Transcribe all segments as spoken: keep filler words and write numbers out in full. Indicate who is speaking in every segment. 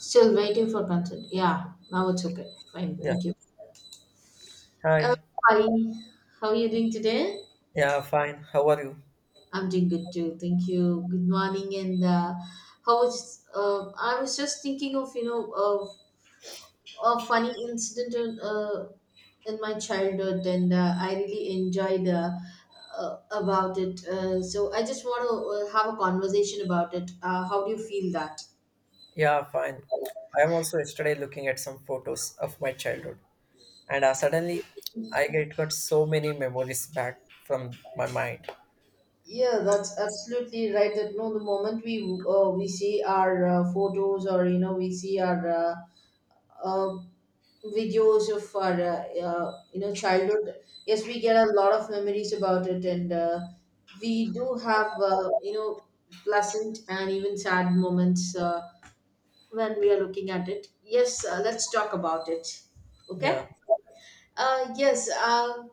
Speaker 1: Still waiting for consent. Yeah, now it's open. Fine,
Speaker 2: Yeah.
Speaker 1: thank you. Uh,
Speaker 2: Hi.
Speaker 1: Hi, how are you doing today?
Speaker 2: Yeah, fine. How are you?
Speaker 1: I'm doing good too. Thank you. Good morning. And uh, How was? Uh, I was just thinking of you know of a funny incident on, uh, in my childhood, and uh, I really enjoyed uh, uh, about it. Uh, so I just want to uh, have a conversation about it. Uh, how do you feel that?
Speaker 2: Yeah, fine. I am also yesterday looking at some photos of my childhood, and uh, suddenly I get got so many memories back from my mind.
Speaker 1: Yeah, that's absolutely right. That no, the moment we uh, we see our uh, photos or you know we see our uh, uh, videos of our uh, uh, you know childhood, yes, we get a lot of memories about it, and uh, we do have uh, you know pleasant and even sad moments uh, when we are looking at it. Yes, uh, let's talk about it.
Speaker 2: Yeah,
Speaker 1: Okay. Uh, yes. Uh,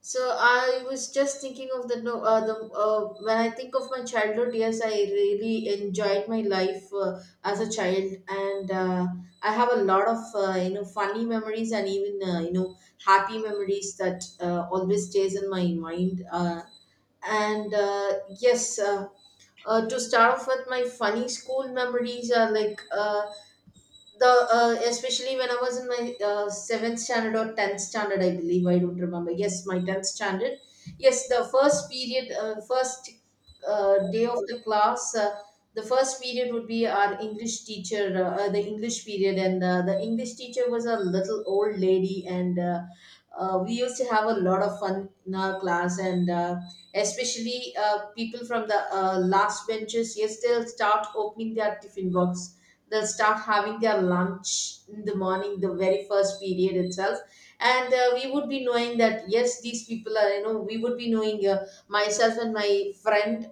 Speaker 1: so I was just thinking of the no uh, the uh, when I think of my childhood years, I really enjoyed my life uh, as a child, and uh, I have a lot of uh, you know funny memories and even uh, you know happy memories that uh, always stays in my mind. Uh, and uh, yes, uh, uh, to start off with, my funny school memories are like. Uh, the uh, Especially when I was in my uh, seventh standard or tenth standard, I believe I don't remember. Yes, my tenth standard. Yes, the first period, uh, first uh, day of the class, uh, the first period would be our English teacher, uh, uh, the English period, and uh, the English teacher was a little old lady, and uh, uh, we used to have a lot of fun in our class, and uh, especially uh, people from the uh, last benches. Yes, they'll start opening their tiffin box, they'll start having their lunch in the morning, the very first period itself, and uh, we would be knowing that yes, these people are, you know we would be knowing, uh, myself and my friend,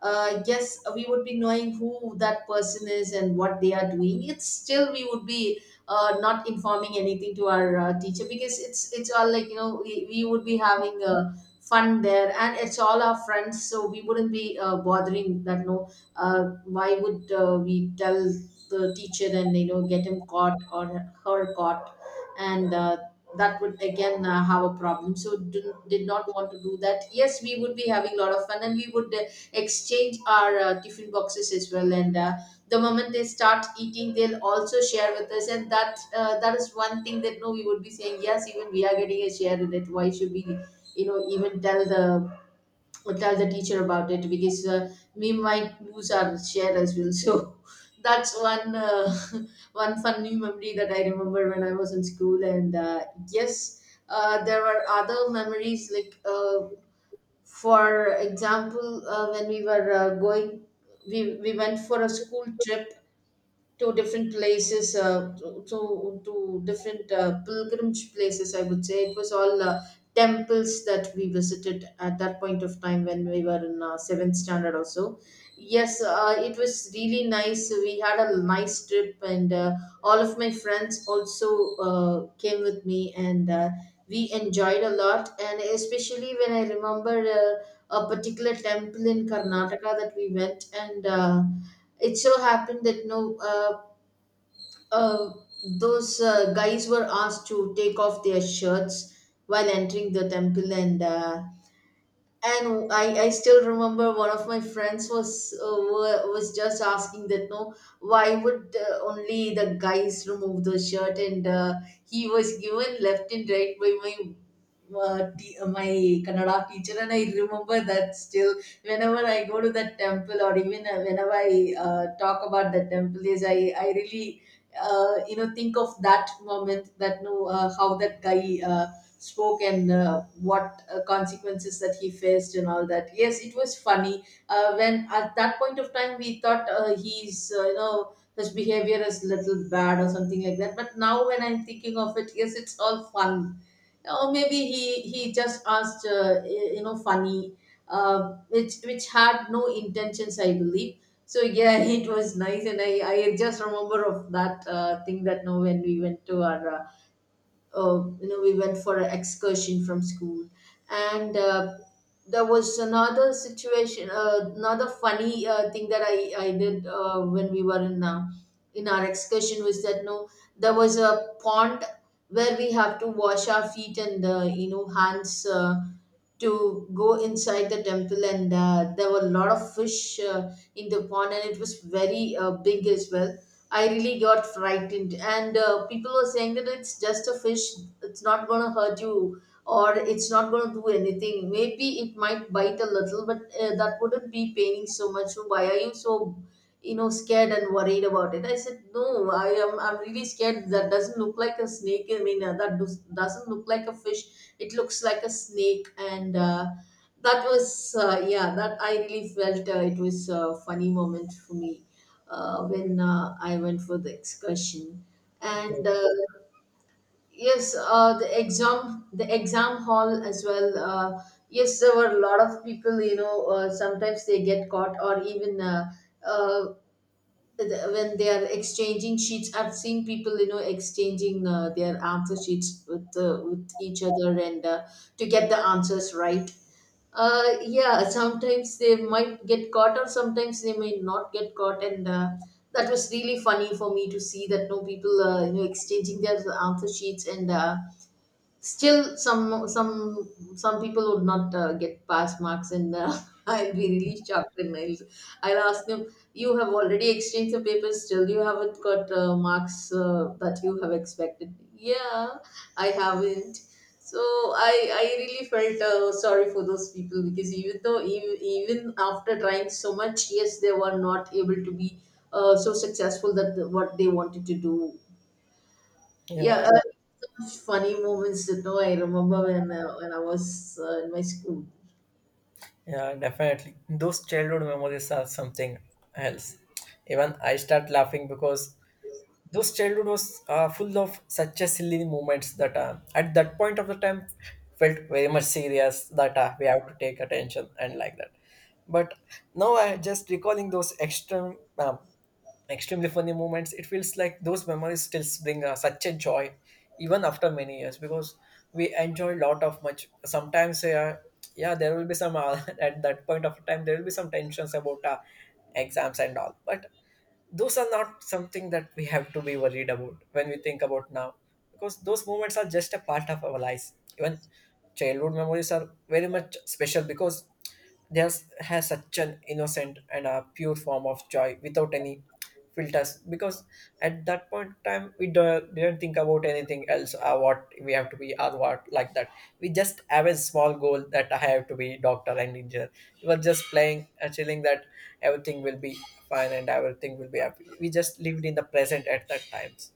Speaker 1: uh, yes, we would be knowing who that person is and what they are doing. It's still we would be uh, not informing anything to our uh, teacher because it's it's all like, you know we, we would be having uh, fun there, and it's all our friends, so we wouldn't be uh, bothering that. No, uh, why would uh, we tell the teacher and you know get him caught or her caught and. Uh, that would again uh, have a problem, so did, did not want to do that. Yes, we would be having a lot of fun, and we would exchange our uh, tiffin boxes as well, and uh, the moment they start eating, they'll also share with us, and that uh, that is one thing that no, we would be saying, yes, even we are getting a share in it, why should we, you know even tell the tell the teacher about it? Because uh, we might lose our share as well, so that's one uh, one funny memory that I remember when I was in school. And uh, yes, uh, there were other memories like, uh, for example, uh, when we were uh, going, we, we went for a school trip to different places, uh, to, to to different uh, pilgrimage places. I would say it was all uh, temples that we visited at that point of time when we were in uh, seventh standard or so. Yes, uh, it was really nice. We had a nice trip, and uh, all of my friends also uh, came with me, and uh, we enjoyed a lot. And especially when I remember uh, a particular temple in Karnataka that we went and. Uh, it so happened that no, uh, uh, those uh, guys were asked to take off their shirts while entering the temple, and uh, and I, I still remember one of my friends was uh, wa- was just asking that no, why would uh, only the guys remove the shirt? And uh, he was given left and right by my uh, t- uh, my Kannada teacher, and I remember that still whenever I go to that temple, or even uh, whenever I uh, talk about the temple is, I I really uh, you know think of that moment that no, uh, how that guy uh, spoke and uh, what uh, consequences that he faced and all that. Yes, it was funny. Uh, when at that point of time we thought uh, he's, uh, you know his behavior is little bad or something like that. But now when I'm thinking of it, yes, it's all fun. Or maybe he he just asked uh, y- you know funny, uh, which which had no intentions, I believe. So yeah, it was nice, and I I just remember of that uh, thing that now when we went to our uh, uh, you know we went for an excursion from school. And uh, there was another situation, uh, another funny uh, thing that i i did uh, when we were in, uh, in our excursion, was that no, there was a pond where we have to wash our feet and uh, you know hands uh, to go inside the temple, and uh, there were a lot of fish uh, in the pond, and it was very uh, big as well. I really got frightened, and uh, people were saying that it's just a fish, it's not going to hurt you, or it's not going to do anything, maybe it might bite a little, but uh, that wouldn't be paining so much, so why are you so, you know scared and worried about it? I said, no, I am, I'm really scared, that doesn't look like a snake, I mean, uh, that does, doesn't look like a fish, it looks like a snake. And uh, that was uh, yeah, that I really felt, uh, it was a funny moment for me uh, when uh, I went for the excursion.
Speaker 2: yeah,
Speaker 1: And uh, yes, uh, the exam the exam hall as well. Uh, yes, there were a lot of people, you know uh, sometimes they get caught, or even uh, uh, the- when they are exchanging sheets, I've seen people you know exchanging uh, their answer sheets with uh, with each other, and uh, to get the answers right. uh, yeah, sometimes they might get caught, or sometimes they may not get caught. And uh, that was really funny for me to see that no, people, uh, you know exchanging their answer sheets. And uh, still, some some some people would not uh, get pass marks, and uh, I'll be really shocked. And I'll I'll ask them, "You have already exchanged the papers. Still, you haven't got uh, marks uh, that you have expected." Yeah, I haven't. So I I really felt uh, sorry for those people, because even though even, even after trying so much, yes, they were not able to be uh, so successful that the, what they wanted to do. Yeah,
Speaker 2: yeah,
Speaker 1: uh, such funny moments that no, I remember when uh, when I was uh, in my school.
Speaker 2: yeah, definitely. Those childhood memories are something else. Even I start laughing because those childhood was uh, full of such a silly moments that uh, at that point of the time felt very much serious that uh, we have to take attention and like that, but now I just recalling those extreme um, extremely funny moments. It feels like those memories still bring uh, such a joy even after many years, because we enjoy a lot of much sometimes. Uh, yeah, there will be some uh, at that point of time there will be some tensions about uh, exams and all, but those are not something that we have to be worried about when we think about now, because those moments are just a part of our lives. Even childhood memories are very much special, because there's has such an innocent and a pure form of joy without any filters, because at that point in time we do, didn't think about anything else, uh, what we have to be or what like that. We just have a small goal that I have to be doctor and engineer. We were just playing, uh, chilling, that everything will be fine and everything will be happy. We just lived in the present at that times.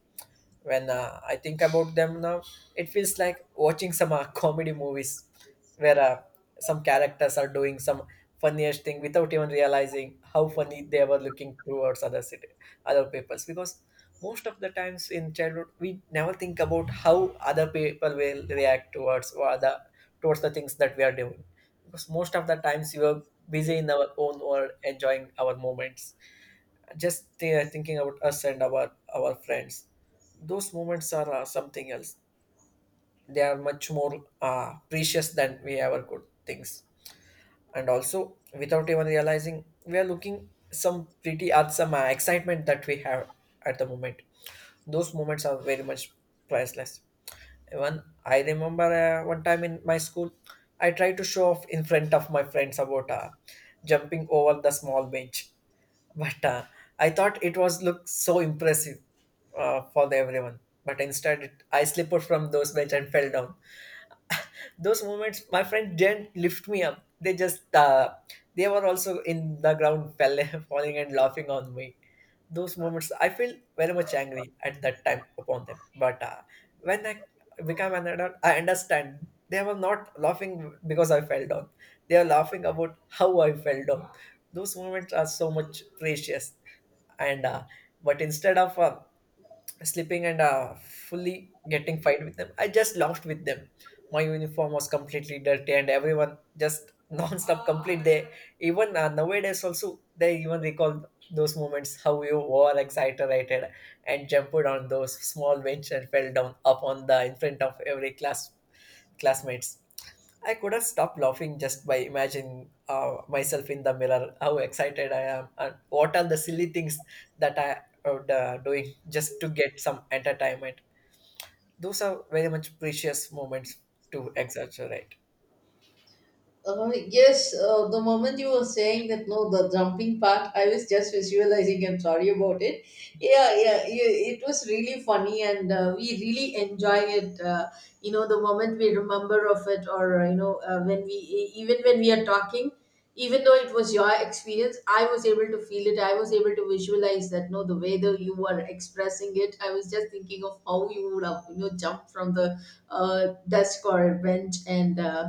Speaker 2: When uh, I think about them now, it feels like watching some uh, comedy movies where uh, some characters are doing some funniest thing without even realizing how funny they were looking towards other city, other peoples, because most of the times in childhood we never think about how other people will react towards, or other towards the things that we are doing, because most of the times we were busy in our own world enjoying our moments, just uh, thinking about us and our our friends. Those moments are uh, something else. They are much more uh, precious than we ever could things, and also, without even realizing, we are looking some pretty at some uh, excitement that we have at the moment. Those moments are very much priceless. Even I remember uh, one time in my school, I tried to show off in front of my friends about uh, jumping over the small bench. But uh, I thought it was looked so impressive uh, for the everyone. But instead, it, I slipped from those bench and fell down. Those moments, my friend didn't lift me up. They just uh, they were also in the ground, fell, falling and laughing on me. Those moments, I feel very much angry at that time upon them. But uh, when I become an adult, I understand they were not laughing because I fell down. They are laughing about how I fell down. Those moments are so much precious, and uh, but instead of uh, slipping and uh, fully getting fight with them, I just laughed with them. My uniform was completely dirty and everyone just non-stop complete they. Even uh, nowadays also they even recall those moments how you were exaggerated and jumped on those small bench and fell down upon the in front of every class classmates. I could have stopped laughing just by imagining uh, myself in the mirror, how excited I am, and what are the silly things that I would uh, doing just to get some entertainment. Those are very much precious moments to exaggerate.
Speaker 1: Uh, yes, uh, the moment you were saying that no, the jumping part, I was just visualizing and sorry about it. Yeah, yeah, yeah, it was really funny, and uh, we really enjoy it. Uh, you know, the moment we remember of it, or uh, you know, uh, when we e- even when we are talking. Even though it was your experience, I was able to feel it. I was able to visualize that, no, the way that you were expressing it, I was just thinking of how you would have, you know jumped from the uh, desk or bench, and uh,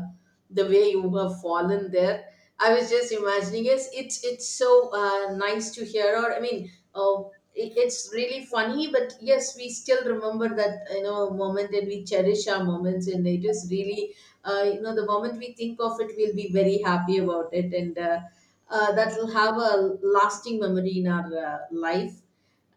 Speaker 1: the way you have fallen there. I was just imagining it. It's it's so uh, nice to hear, or I mean, uh, it- it's really funny. But yes, we still remember that you know moment, and we cherish our moments, and it is really uh, you know the moment we think of it, we'll be very happy about it. And uh, uh, that will have a lasting memory in our uh, life.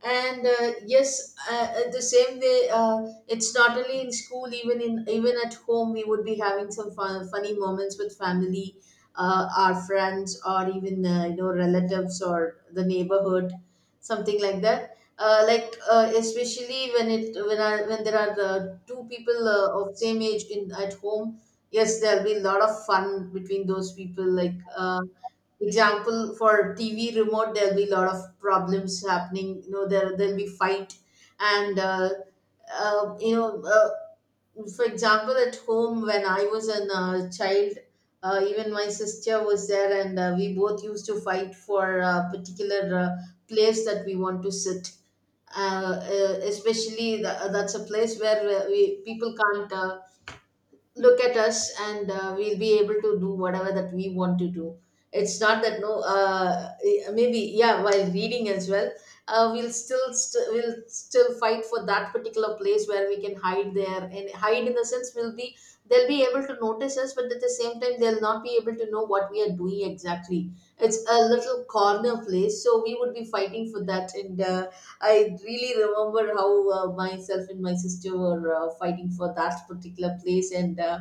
Speaker 1: And uh, yes, uh, uh, the same way, uh, it's not only in school, even in even at home we would be having some fun, funny moments with family, uh, our friends, or even uh, you know relatives or the neighborhood, something like that, uh, like uh, especially when it when I, when there are uh, two people uh, of same age in at home. Yes, there'll be a lot of fun between those people, like, uh, example for TV remote, there'll be a lot of problems happening, you know there there'll be fight. And uh, uh, you know uh, for example, at home when I was a uh, child, uh, even my sister was there, and uh, we both used to fight for a particular uh, place that we want to sit. Uh, uh, especially the, uh, that's a place where uh, we people can't uh, look at us, and uh, we'll be able to do whatever that we want to do. It's not that, no, uh, maybe, yeah, while reading as well, uh, we'll still st- we'll still fight for that particular place where we can hide there. And hide, in the sense, we'll be they'll be able to notice us, but at the same time they'll not be able to know what we are doing exactly. It's a little corner place, so we would be fighting for that. And uh, I really remember how uh, myself and my sister were uh, fighting for that particular place. And uh,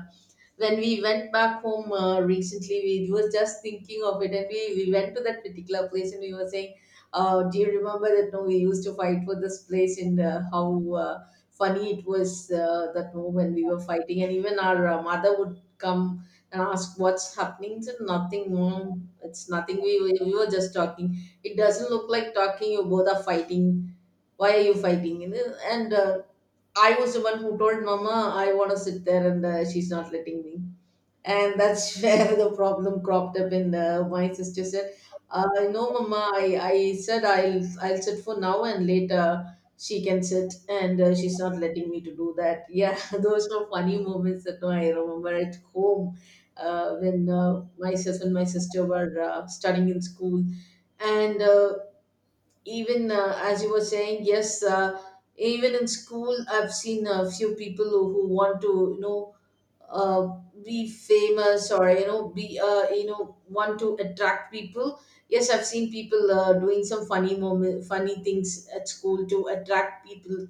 Speaker 1: when we went back home uh, recently, we was just thinking of it, and we, we went to that particular place, and we were saying, uh, "Do you remember that? No, we used to fight for this place, and uh, how." Uh, Funny it was, uh, that no, when we were fighting, and even our uh, mother would come and ask what's happening. So nothing, mom. It's nothing. We, we we were just talking. It doesn't look like talking. You both are fighting, why are you fighting, you know and uh, I was the one who told mama, I want to sit there, and uh, she's not letting me. And that's where the problem cropped up. And uh, my sister said, uh, no mama, I, I said i'll i'll sit for now, and later she can sit, and uh, she's not letting me to do that. Yeah, those were funny moments that I remember at home, uh, when uh, myself and my sister were uh, studying in school. And uh, even, uh, as you were saying, yes, uh, even in school, I've seen a few people who, who want to, you know uh, be famous, or you know be uh, you know want to attract people. Yes, I've seen people uh, doing some funny moment funny things at school to attract people,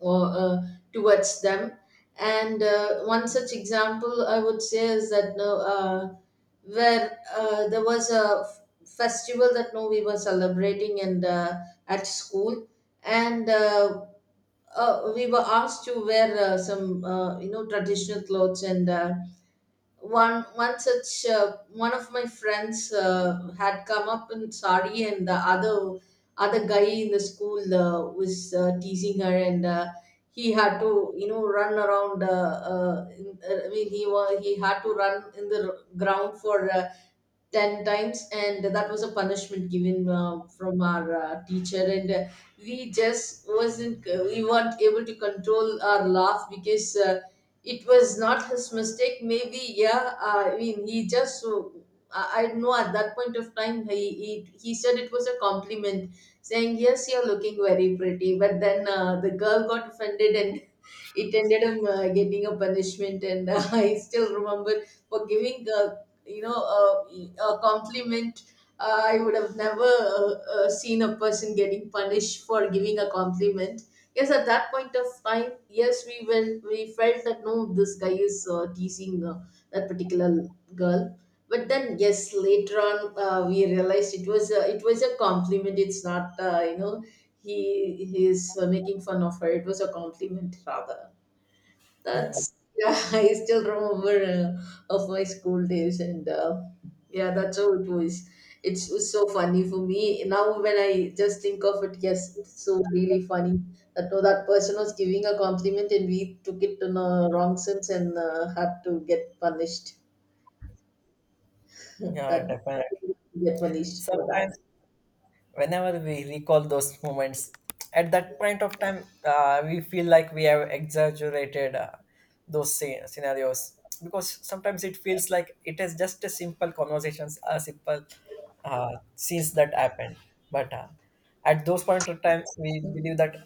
Speaker 1: or uh, towards them. And uh, one such example I would say is that, no, uh, where uh, there was a f- festival that, no, we were celebrating, and uh, at school, and uh, uh, we were asked to wear uh, some uh, you know traditional clothes and. Uh, one one such uh, one of my friends uh, had come up in sari, and the other other guy in the school uh, was uh, teasing her, and uh, he had to, you know, run around, uh, uh, in, uh, I mean, he was he had to run in the r- ground for uh, 10 times, and that was a punishment given uh, from our uh, teacher. And uh, we just wasn't uh, we weren't able to control our laugh, because uh, it was not his mistake, maybe. Yeah, I mean, he just so, i I know at that point of time he he, he said it was a compliment, saying, yes, you're looking very pretty. But then uh, the girl got offended, and it ended up uh, getting a punishment. And uh, I still remember, for giving, uh, you know, uh, a compliment. Uh, I would have never uh, uh, seen a person getting punished for giving a compliment. Yes, at that point of time, yes, we will. We felt that, no, this guy is uh, teasing uh, that particular girl. But then yes, later on, uh, we realized it was a, it was a compliment. It's not uh, you know he he's uh, making fun of her, it was a compliment rather.
Speaker 2: Yeah,
Speaker 1: That's yeah, I still remember uh, of my school days. And uh, yeah, that's how it was. it's, was so funny for me now when I just think of it. Yes, it's so really funny that, no, that person was giving a compliment, and we took it in a wrong sense, and uh, had to get punished.
Speaker 2: yeah,
Speaker 1: That
Speaker 2: definitely.
Speaker 1: get punished for
Speaker 2: Sometimes
Speaker 1: that.
Speaker 2: whenever we recall those moments at that point of time, uh, we feel like we have exaggerated uh, those sce- scenarios, because sometimes it feels like it is just a simple conversations, a simple uh, scenes that happened. But uh, at those point of times we believe that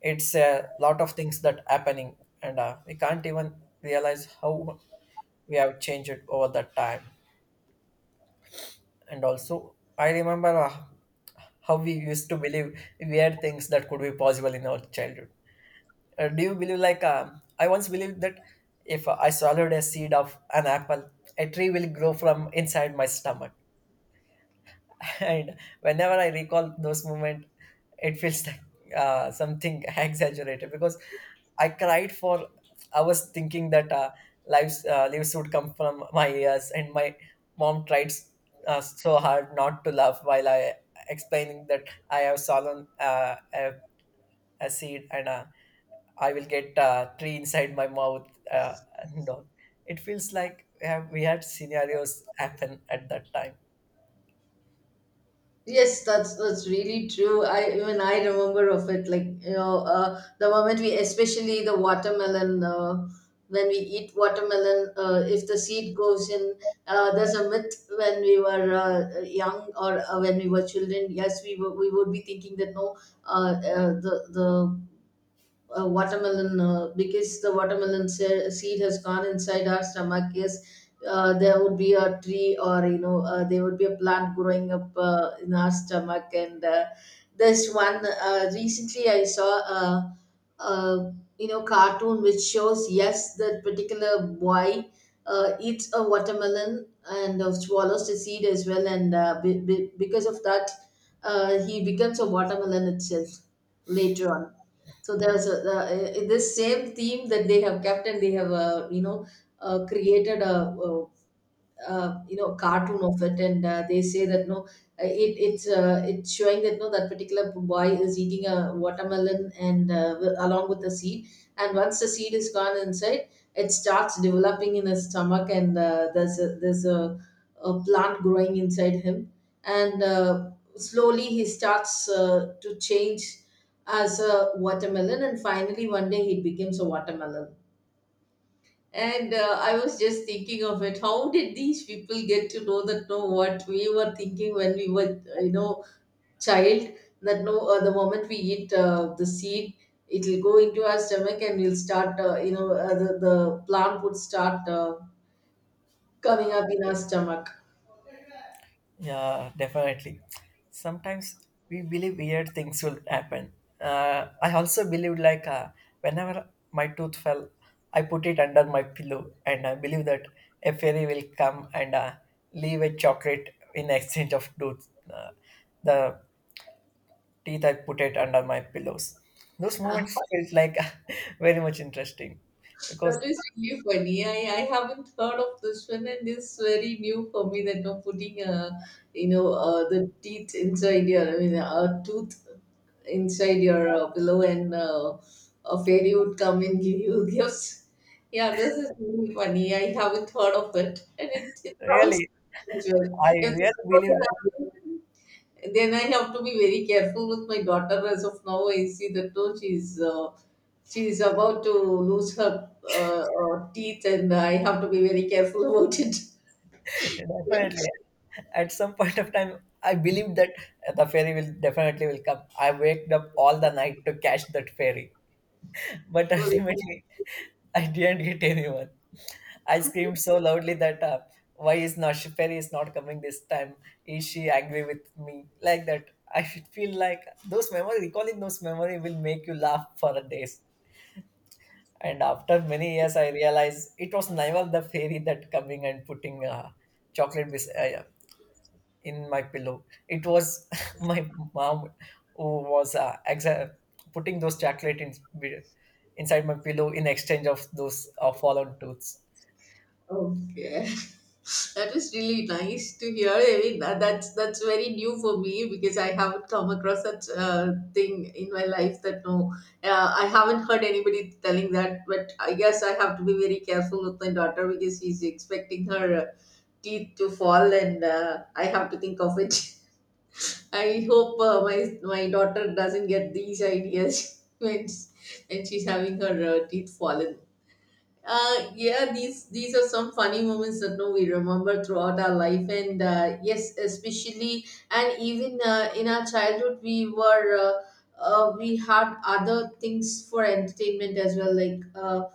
Speaker 2: it's a lot of things that happening, and uh, we can't even realize how we have changed it over that time. And also I remember uh, how we used to believe weird things that could be possible in our childhood. Uh, do you believe like um, I once believed that if I swallowed a seed of an apple, a tree will grow from inside my stomach. And whenever I recall those moments, it feels like uh, something exaggerated, because I cried for. I was thinking that uh, lives uh, lives would come from my ears, and my mom tried uh, so hard not to laugh while I explaining that I have swallowed uh, a, a seed, and uh, I will get uh, tree inside my mouth, uh, and all. It feels like we, have, we had scenarios happen at that time.
Speaker 1: Yes, that's that's really true. I even I remember of it, like, you know, uh, the moment we, especially the watermelon, uh, when we eat watermelon, uh, if the seed goes in, uh, there's a myth when we were uh, young, or uh, when we were children. Yes, we were, we would be thinking that, no, uh, uh, the the uh, watermelon, uh, because the watermelon se- seed has gone inside our stomach. Yes, uh, there would be a tree, or you know uh, there would be a plant growing up uh, in our stomach. And uh, there's one, uh, recently I saw a, a you know cartoon which shows, yes, that particular boy uh, eats a watermelon and uh, swallows the seed as well, and uh, be- be- because of that, uh, he becomes a watermelon itself later on. So there's a, the, uh, this same theme that they have kept, and they have, uh, you know, uh, created a, uh uh, you know cartoon of it. And uh, they say that, no, uh, it it's uh, it's showing that, no, that particular boy is eating a watermelon, and uh, wi- along with the seed. And once the seed is gone inside, it starts developing in his stomach. And uh, there's a, there's a, a plant growing inside him. And uh, slowly he starts uh, to change as a watermelon, and finally one day he becomes a watermelon. And uh, I was just thinking of it. How did these people get to know that? No, what we were thinking when we were, uh, you know, child. That, no, uh, the moment we eat uh, the seed, it will go into our stomach, and we'll start. Uh, you know, uh, the the plant would start uh, coming up in our stomach.
Speaker 2: Yeah, definitely. Sometimes we believe weird things will happen. Uh, I also believed like uh, whenever my tooth fell, I put it under my pillow and I believe that a fairy will come and uh, leave a chocolate in exchange of tooth. Uh, the teeth I put it under my pillows. Those moments felt like very much interesting because
Speaker 1: That is really funny. I, I haven't heard of this one, and it's very new for me, that, no, putting, uh, you know uh, the teeth inside your, I mean, a tooth inside your uh, pillow, and uh, a fairy would come and give you gifts. Yeah, this is really funny. I haven't heard of it, and it, it sounds
Speaker 2: really
Speaker 1: as well.
Speaker 2: I
Speaker 1: If
Speaker 2: really believed it.
Speaker 1: then I have to be very careful with my daughter. As of now, I see that, no, she's uh, she's about to lose her uh, uh, teeth, and I have to be very careful about it.
Speaker 2: Definitely at some point of time I believed that the ferry will definitely will come. I waked up all the night to catch that ferry, but ultimately I didn't get anyone. I screamed so loudly that uh, why is not she- ferry is not coming this time, is she angry with me, like that. I should feel like those memory, recalling those memory will make you laugh for days. And after many years I realized it was never the fairy that coming and putting uh, chocolate bis- uh, yeah, in my pillow. It was my mom who was uh, exa- putting those chocolate in, inside my pillow in exchange of those uh, fallen tooths.
Speaker 1: Okay. That is really nice to hear. I mean, that- that's that's very new for me, because I haven't come across such uh, thing in my life. That, no, uh, I haven't heard anybody telling that. But I guess I have to be very careful with my daughter, because she's expecting her uh, teeth to fall, and uh, I have to think of it. I hope uh, my my daughter doesn't get these ideas when when she's having her uh, teeth fallen. Uh, yeah, these these are some funny moments that, no, we remember throughout our life. And uh, yes, especially, and even uh, in our childhood, we were, uh, uh, we had other things for entertainment as well, like. Uh,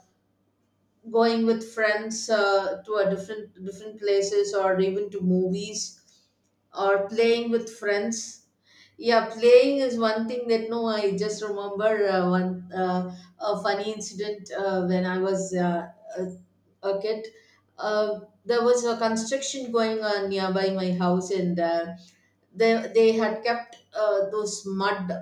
Speaker 1: Going with friends uh, to a different different places, or even to movies, or playing with friends. Yeah, playing is one thing that, no, I just remember uh, one, uh, a funny incident uh, when I was uh, a, a kid. uh, there was a construction going on nearby my house, and uh, they they had kept uh, those mud.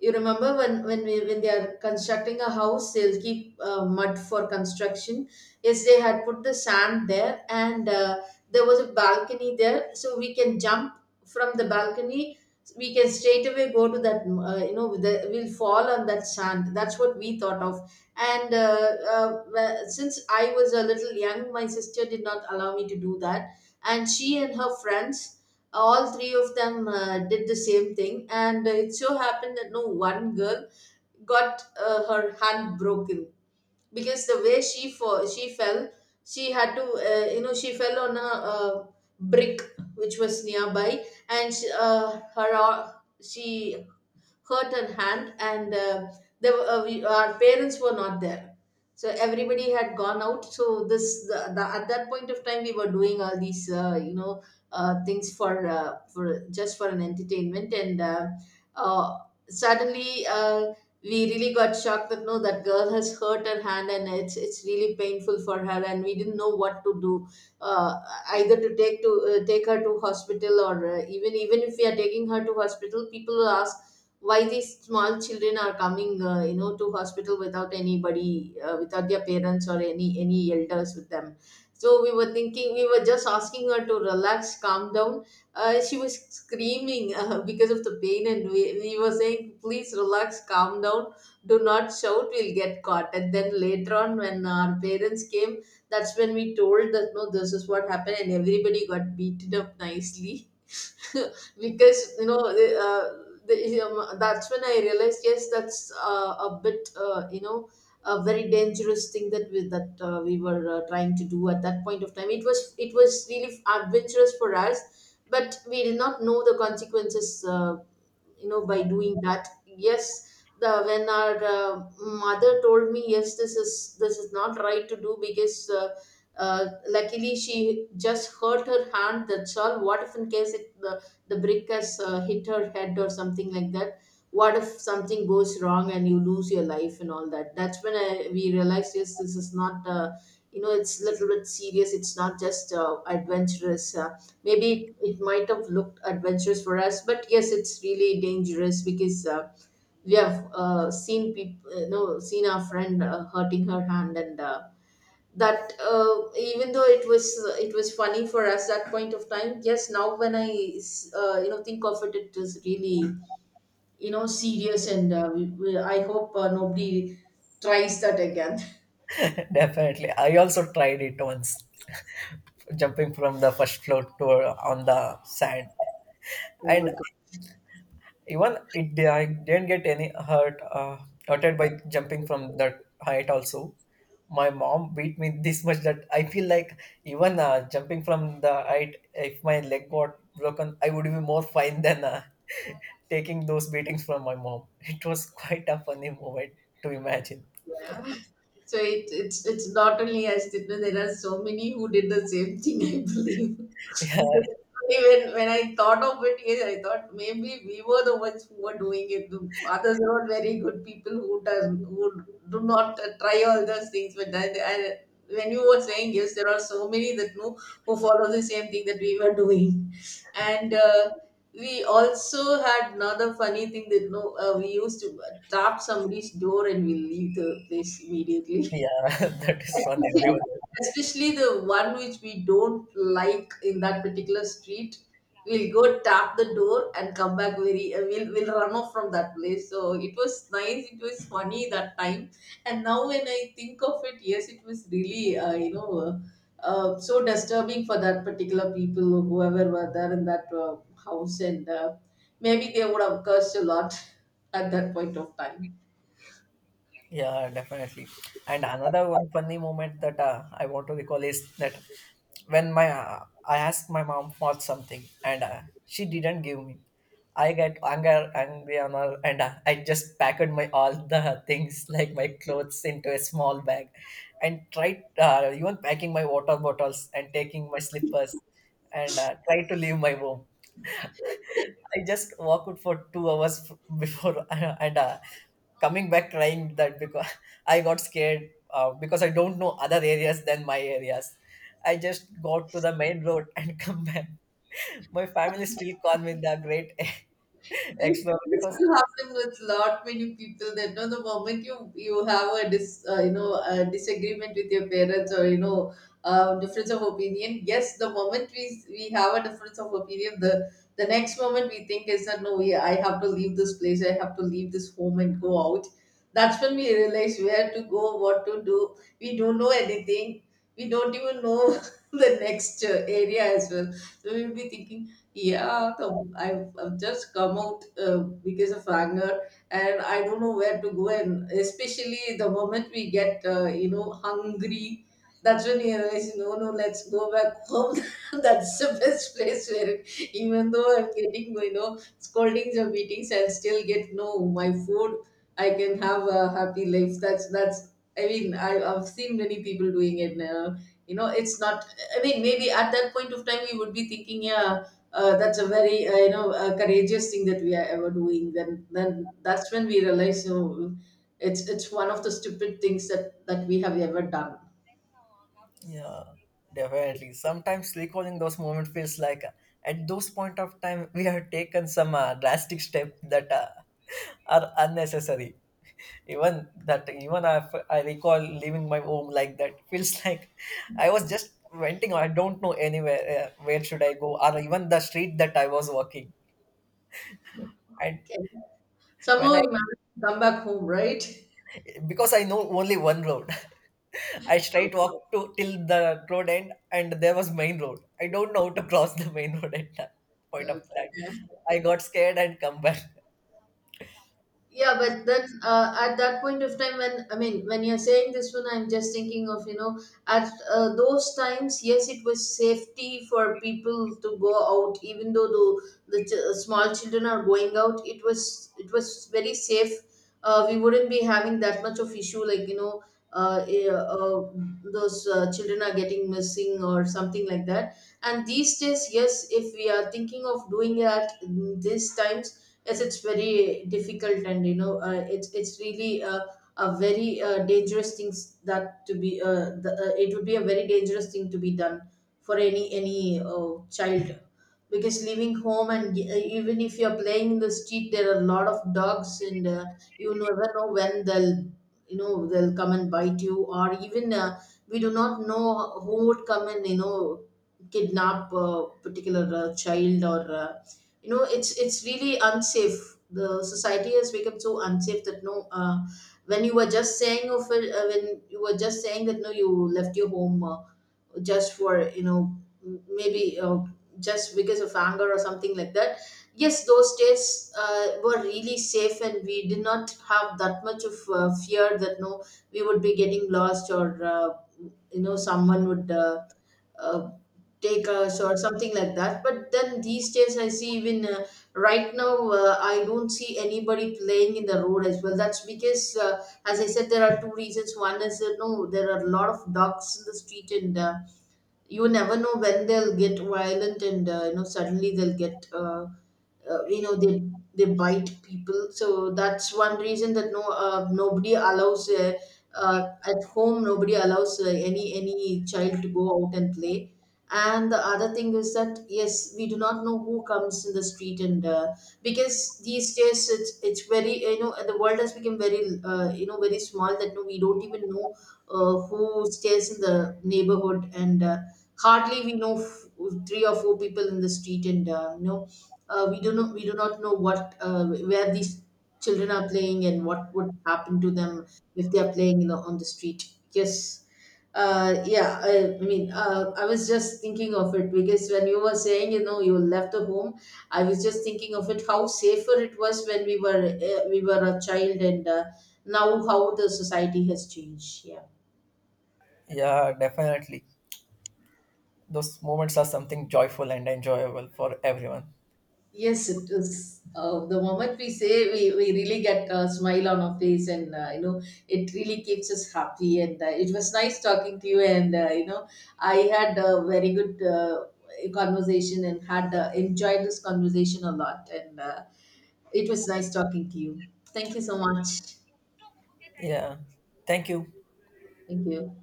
Speaker 1: You remember, when when we, when they are constructing a house, they'll keep uh, mud for construction. Yes, they had put the sand there, and uh, there was a balcony there, so we can jump from the balcony. We can straight away go to that. Uh, you know, the, we'll fall on that sand. That's what we thought of. And uh, uh, well, since I was a little young, my sister did not allow me to do that, and she and her friends, all three of them, uh, did the same thing. And uh, it so happened that no, one girl got uh, her hand broken because the way she fo- she fell, she had to uh, you know she fell on a uh, brick which was nearby. And she, uh, her ar- she hurt her hand. And uh, they, were- uh, we, our parents were not there, so everybody had gone out. So this the, the, at that point of time we were doing all these uh, you know uh, things for uh, for just for an entertainment. And uh, uh, suddenly, uh, we really got shocked that no, that girl has hurt her hand, and it's it's really painful for her, and we didn't know what to do. uh, Either to take to uh, take her to hospital, or uh, even even if we are taking her to hospital, people ask why these small children are coming, uh, you know to hospital without anybody, uh, without their parents or any any elders with them. So we were thinking, we were just asking her to relax, calm down. Uh, she was screaming uh, because of the pain, and we, we were saying, please relax, calm down, do not shout, we'll get caught. And then later on when our parents came, that's when we told that no, this is what happened, and everybody got beaten up nicely. Because you know uh, the, um, that's when I realized, yes, that's uh, a bit, uh, you know a very dangerous thing that we that uh, we were uh, trying to do. At that point of time it was it was really adventurous for us, but we did not know the consequences, uh, you know by doing that. Yes, the when our uh, mother told me, yes, this is, this is not right to do, because uh, uh, luckily she just hurt her hand, that's all. What if, in case, it, the, the brick has uh, hit her head or something like that? What if something goes wrong and you lose your life and all that? That's when I, we realized, yes, this is not, uh, you know it's a little bit serious, it's not just uh, adventurous. Uh, maybe it might have looked adventurous for us, but yes, it's really dangerous, because uh, we have uh, seen people, you know seen our friend uh, hurting her hand. And uh, that uh, even though it was uh, it was funny for us that point of time, yes, now when I uh, you know think of it, it is really, you know serious. And uh, we, we, I hope uh, nobody tries that again.
Speaker 2: Definitely. I also tried it once, jumping from the first floor to uh, on the sand. And even it di- I didn't get any hurt, uh, hurted by jumping from that height also. My mom beat me this much that I feel like even uh, jumping from the height, if my leg got broken, I would be more fine than uh, taking those beatings from my mom. It was quite a funny moment to imagine.
Speaker 1: Yeah. So it, it's it's not only us, you know, there are so many who did the same thing, I believe.
Speaker 2: Yeah,
Speaker 1: Because even when I thought of it, yes, I thought maybe we were the ones who were doing it. The others are not very good people, who does who do not uh, try all those things. But then I, when you were saying, yes, there are so many that know who follow the same thing that we were doing. And, Uh, we also had another funny thing that no, uh, we used to tap somebody's door and we leave the place immediately.
Speaker 2: yeah, that is fun.
Speaker 1: especially,
Speaker 2: Everyone.
Speaker 1: especially the one which we don't like in that particular street, we'll go tap the door and come back. Very uh, we'll, we'll run off from that place. So it was nice, it was funny that time, and now when I think of it, yes, it was really, uh, you know uh, uh, so disturbing for that particular people whoever were there in that uh, house. And uh, maybe they would have cursed a lot at that point of time.
Speaker 2: Yeah, definitely. And another one funny moment that uh, I want to recall is that when my uh, I asked my mom for something and uh, she didn't give me, I get anger, angry on her, and uh, I just packed my all the things like my clothes into a small bag, and tried uh, even packing my water bottles and taking my slippers, and uh, tried to leave my home. I just walked for two hours f- before, and uh, coming back crying that because I got scared, uh, because I don't know other areas than my areas. I just got to the main road and come back. My family still call me the great
Speaker 1: This,
Speaker 2: explorer
Speaker 1: this
Speaker 2: because
Speaker 1: will happen with lot many people that know the moment you you have a dis uh, you know a disagreement with your parents, or you know uh, difference of opinion. Yes, the moment we we have a difference of opinion, the the next moment we think is that no, we, I have to leave this place. I have to leave this home and go out. That's when we realize where to go, what to do. We don't know anything. We don't even know the next uh, area as well. So we'll be thinking, yeah, come- I've, I've just come out uh, because of Wagner, and I don't know where to go. And especially the moment we get, uh, you know, hungry, that's when you realize, no, no, let's go back home. That's the best place where, even though I'm getting, you know, scoldings or beatings, I'll still get no, my food. I can have a happy life. That's that's. I mean, I, I've seen many people doing it now. You know, it's not. I mean, maybe at that point of time we would be thinking, yeah uh, that's a very, uh, you know uh, courageous thing that we are ever doing. Then then that's when we realize, you know, it's it's one of the stupid things that that we have ever done.
Speaker 2: yeah, definitely. Sometimes recalling those moments feels like uh, at those point of time we have taken some uh, drastic step that uh, are unnecessary. Even that, even I, I recall leaving my home like that feels like I was just venting. I don't know anywhere, uh, where should I go, or even the street that I was walking and
Speaker 1: Okay,
Speaker 2: when
Speaker 1: somehow
Speaker 2: i
Speaker 1: you managed to come back home, right?
Speaker 2: because I know only one road. I straight walked to till the road end and there was main road. I don't know how to cross the main road at that point of time. I got scared and come back.
Speaker 1: Yeah, but then uh, at that point of time, when I mean, when you're saying this one, I'm just thinking of, you know, at uh, those times, yes, it was safety for people to go out, even though the, the ch- uh, small children are going out. It was it was very safe. Uh, we wouldn't be having that much of issue, like, you know, uh, eh, uh, those uh, children are getting missing or something like that. And these days, yes, if we are thinking of doing it at mm, these times, yes, it's very difficult. And you know, uh, it's it's really a, a very uh, dangerous things, that to be uh, the, uh, it would be a very dangerous thing to be done for any any uh, child, because leaving home, and uh, even if you're playing in the street, there are a lot of dogs, and uh, you never know when they'll you know they'll come and bite you. Or even, uh, we do not know who would come and, you know kidnap a particular uh, child, or uh, you know it's it's really unsafe. The society has become so unsafe that no, uh, when you were just saying of it, uh, when you were just saying that no, you left your home, uh, just for, you know m- maybe, uh, just because of anger or something like that. Yes, those days uh, were really safe, and we did not have that much of uh, fear that no, we would be getting lost, or uh, you know someone would uh, uh, take us or something like that. But then these days, I see, even uh, right now, uh, I don't see anybody playing in the road as well. That's because, uh, as I said, there are two reasons. One is, uh, no, there are a lot of dogs in the street, and uh, you never know when they'll get violent. And uh, you know suddenly they'll get, uh, uh, you know, they they bite people. So that's one reason that no, uh, nobody allows. Uh, uh, at home, nobody allows uh, any any child to go out and play. And the other thing is that yes, we do not know who comes in the street. And uh, because these days it's it's very, you know, the world has become very, uh, you know very small that no, we don't even know uh, who stays in the neighborhood. And uh, hardly we know f- three or four people in the street. And uh, you know uh, we do not we do not know what uh, where these children are playing and what would happen to them if they are playing, you know, on the street. Yes, uh, yeah, I mean, uh, I was just thinking of it, because when you were saying, you know, you left the home, I was just thinking of it, how safer it was when we were uh, we were a child, and uh, now how the society has changed. Yeah.
Speaker 2: Yeah, definitely those moments are something joyful and enjoyable for everyone.
Speaker 1: Yes, it is. Uh, the moment we say, we, we really get a smile on our face, and uh, you know, it really keeps us happy. And uh, it was nice talking to you. And uh, you know, I had a very good uh, conversation, and had uh, enjoyed this conversation a lot. And uh, it was nice talking to you. Thank you so much.
Speaker 2: Yeah, thank you.
Speaker 1: Thank you.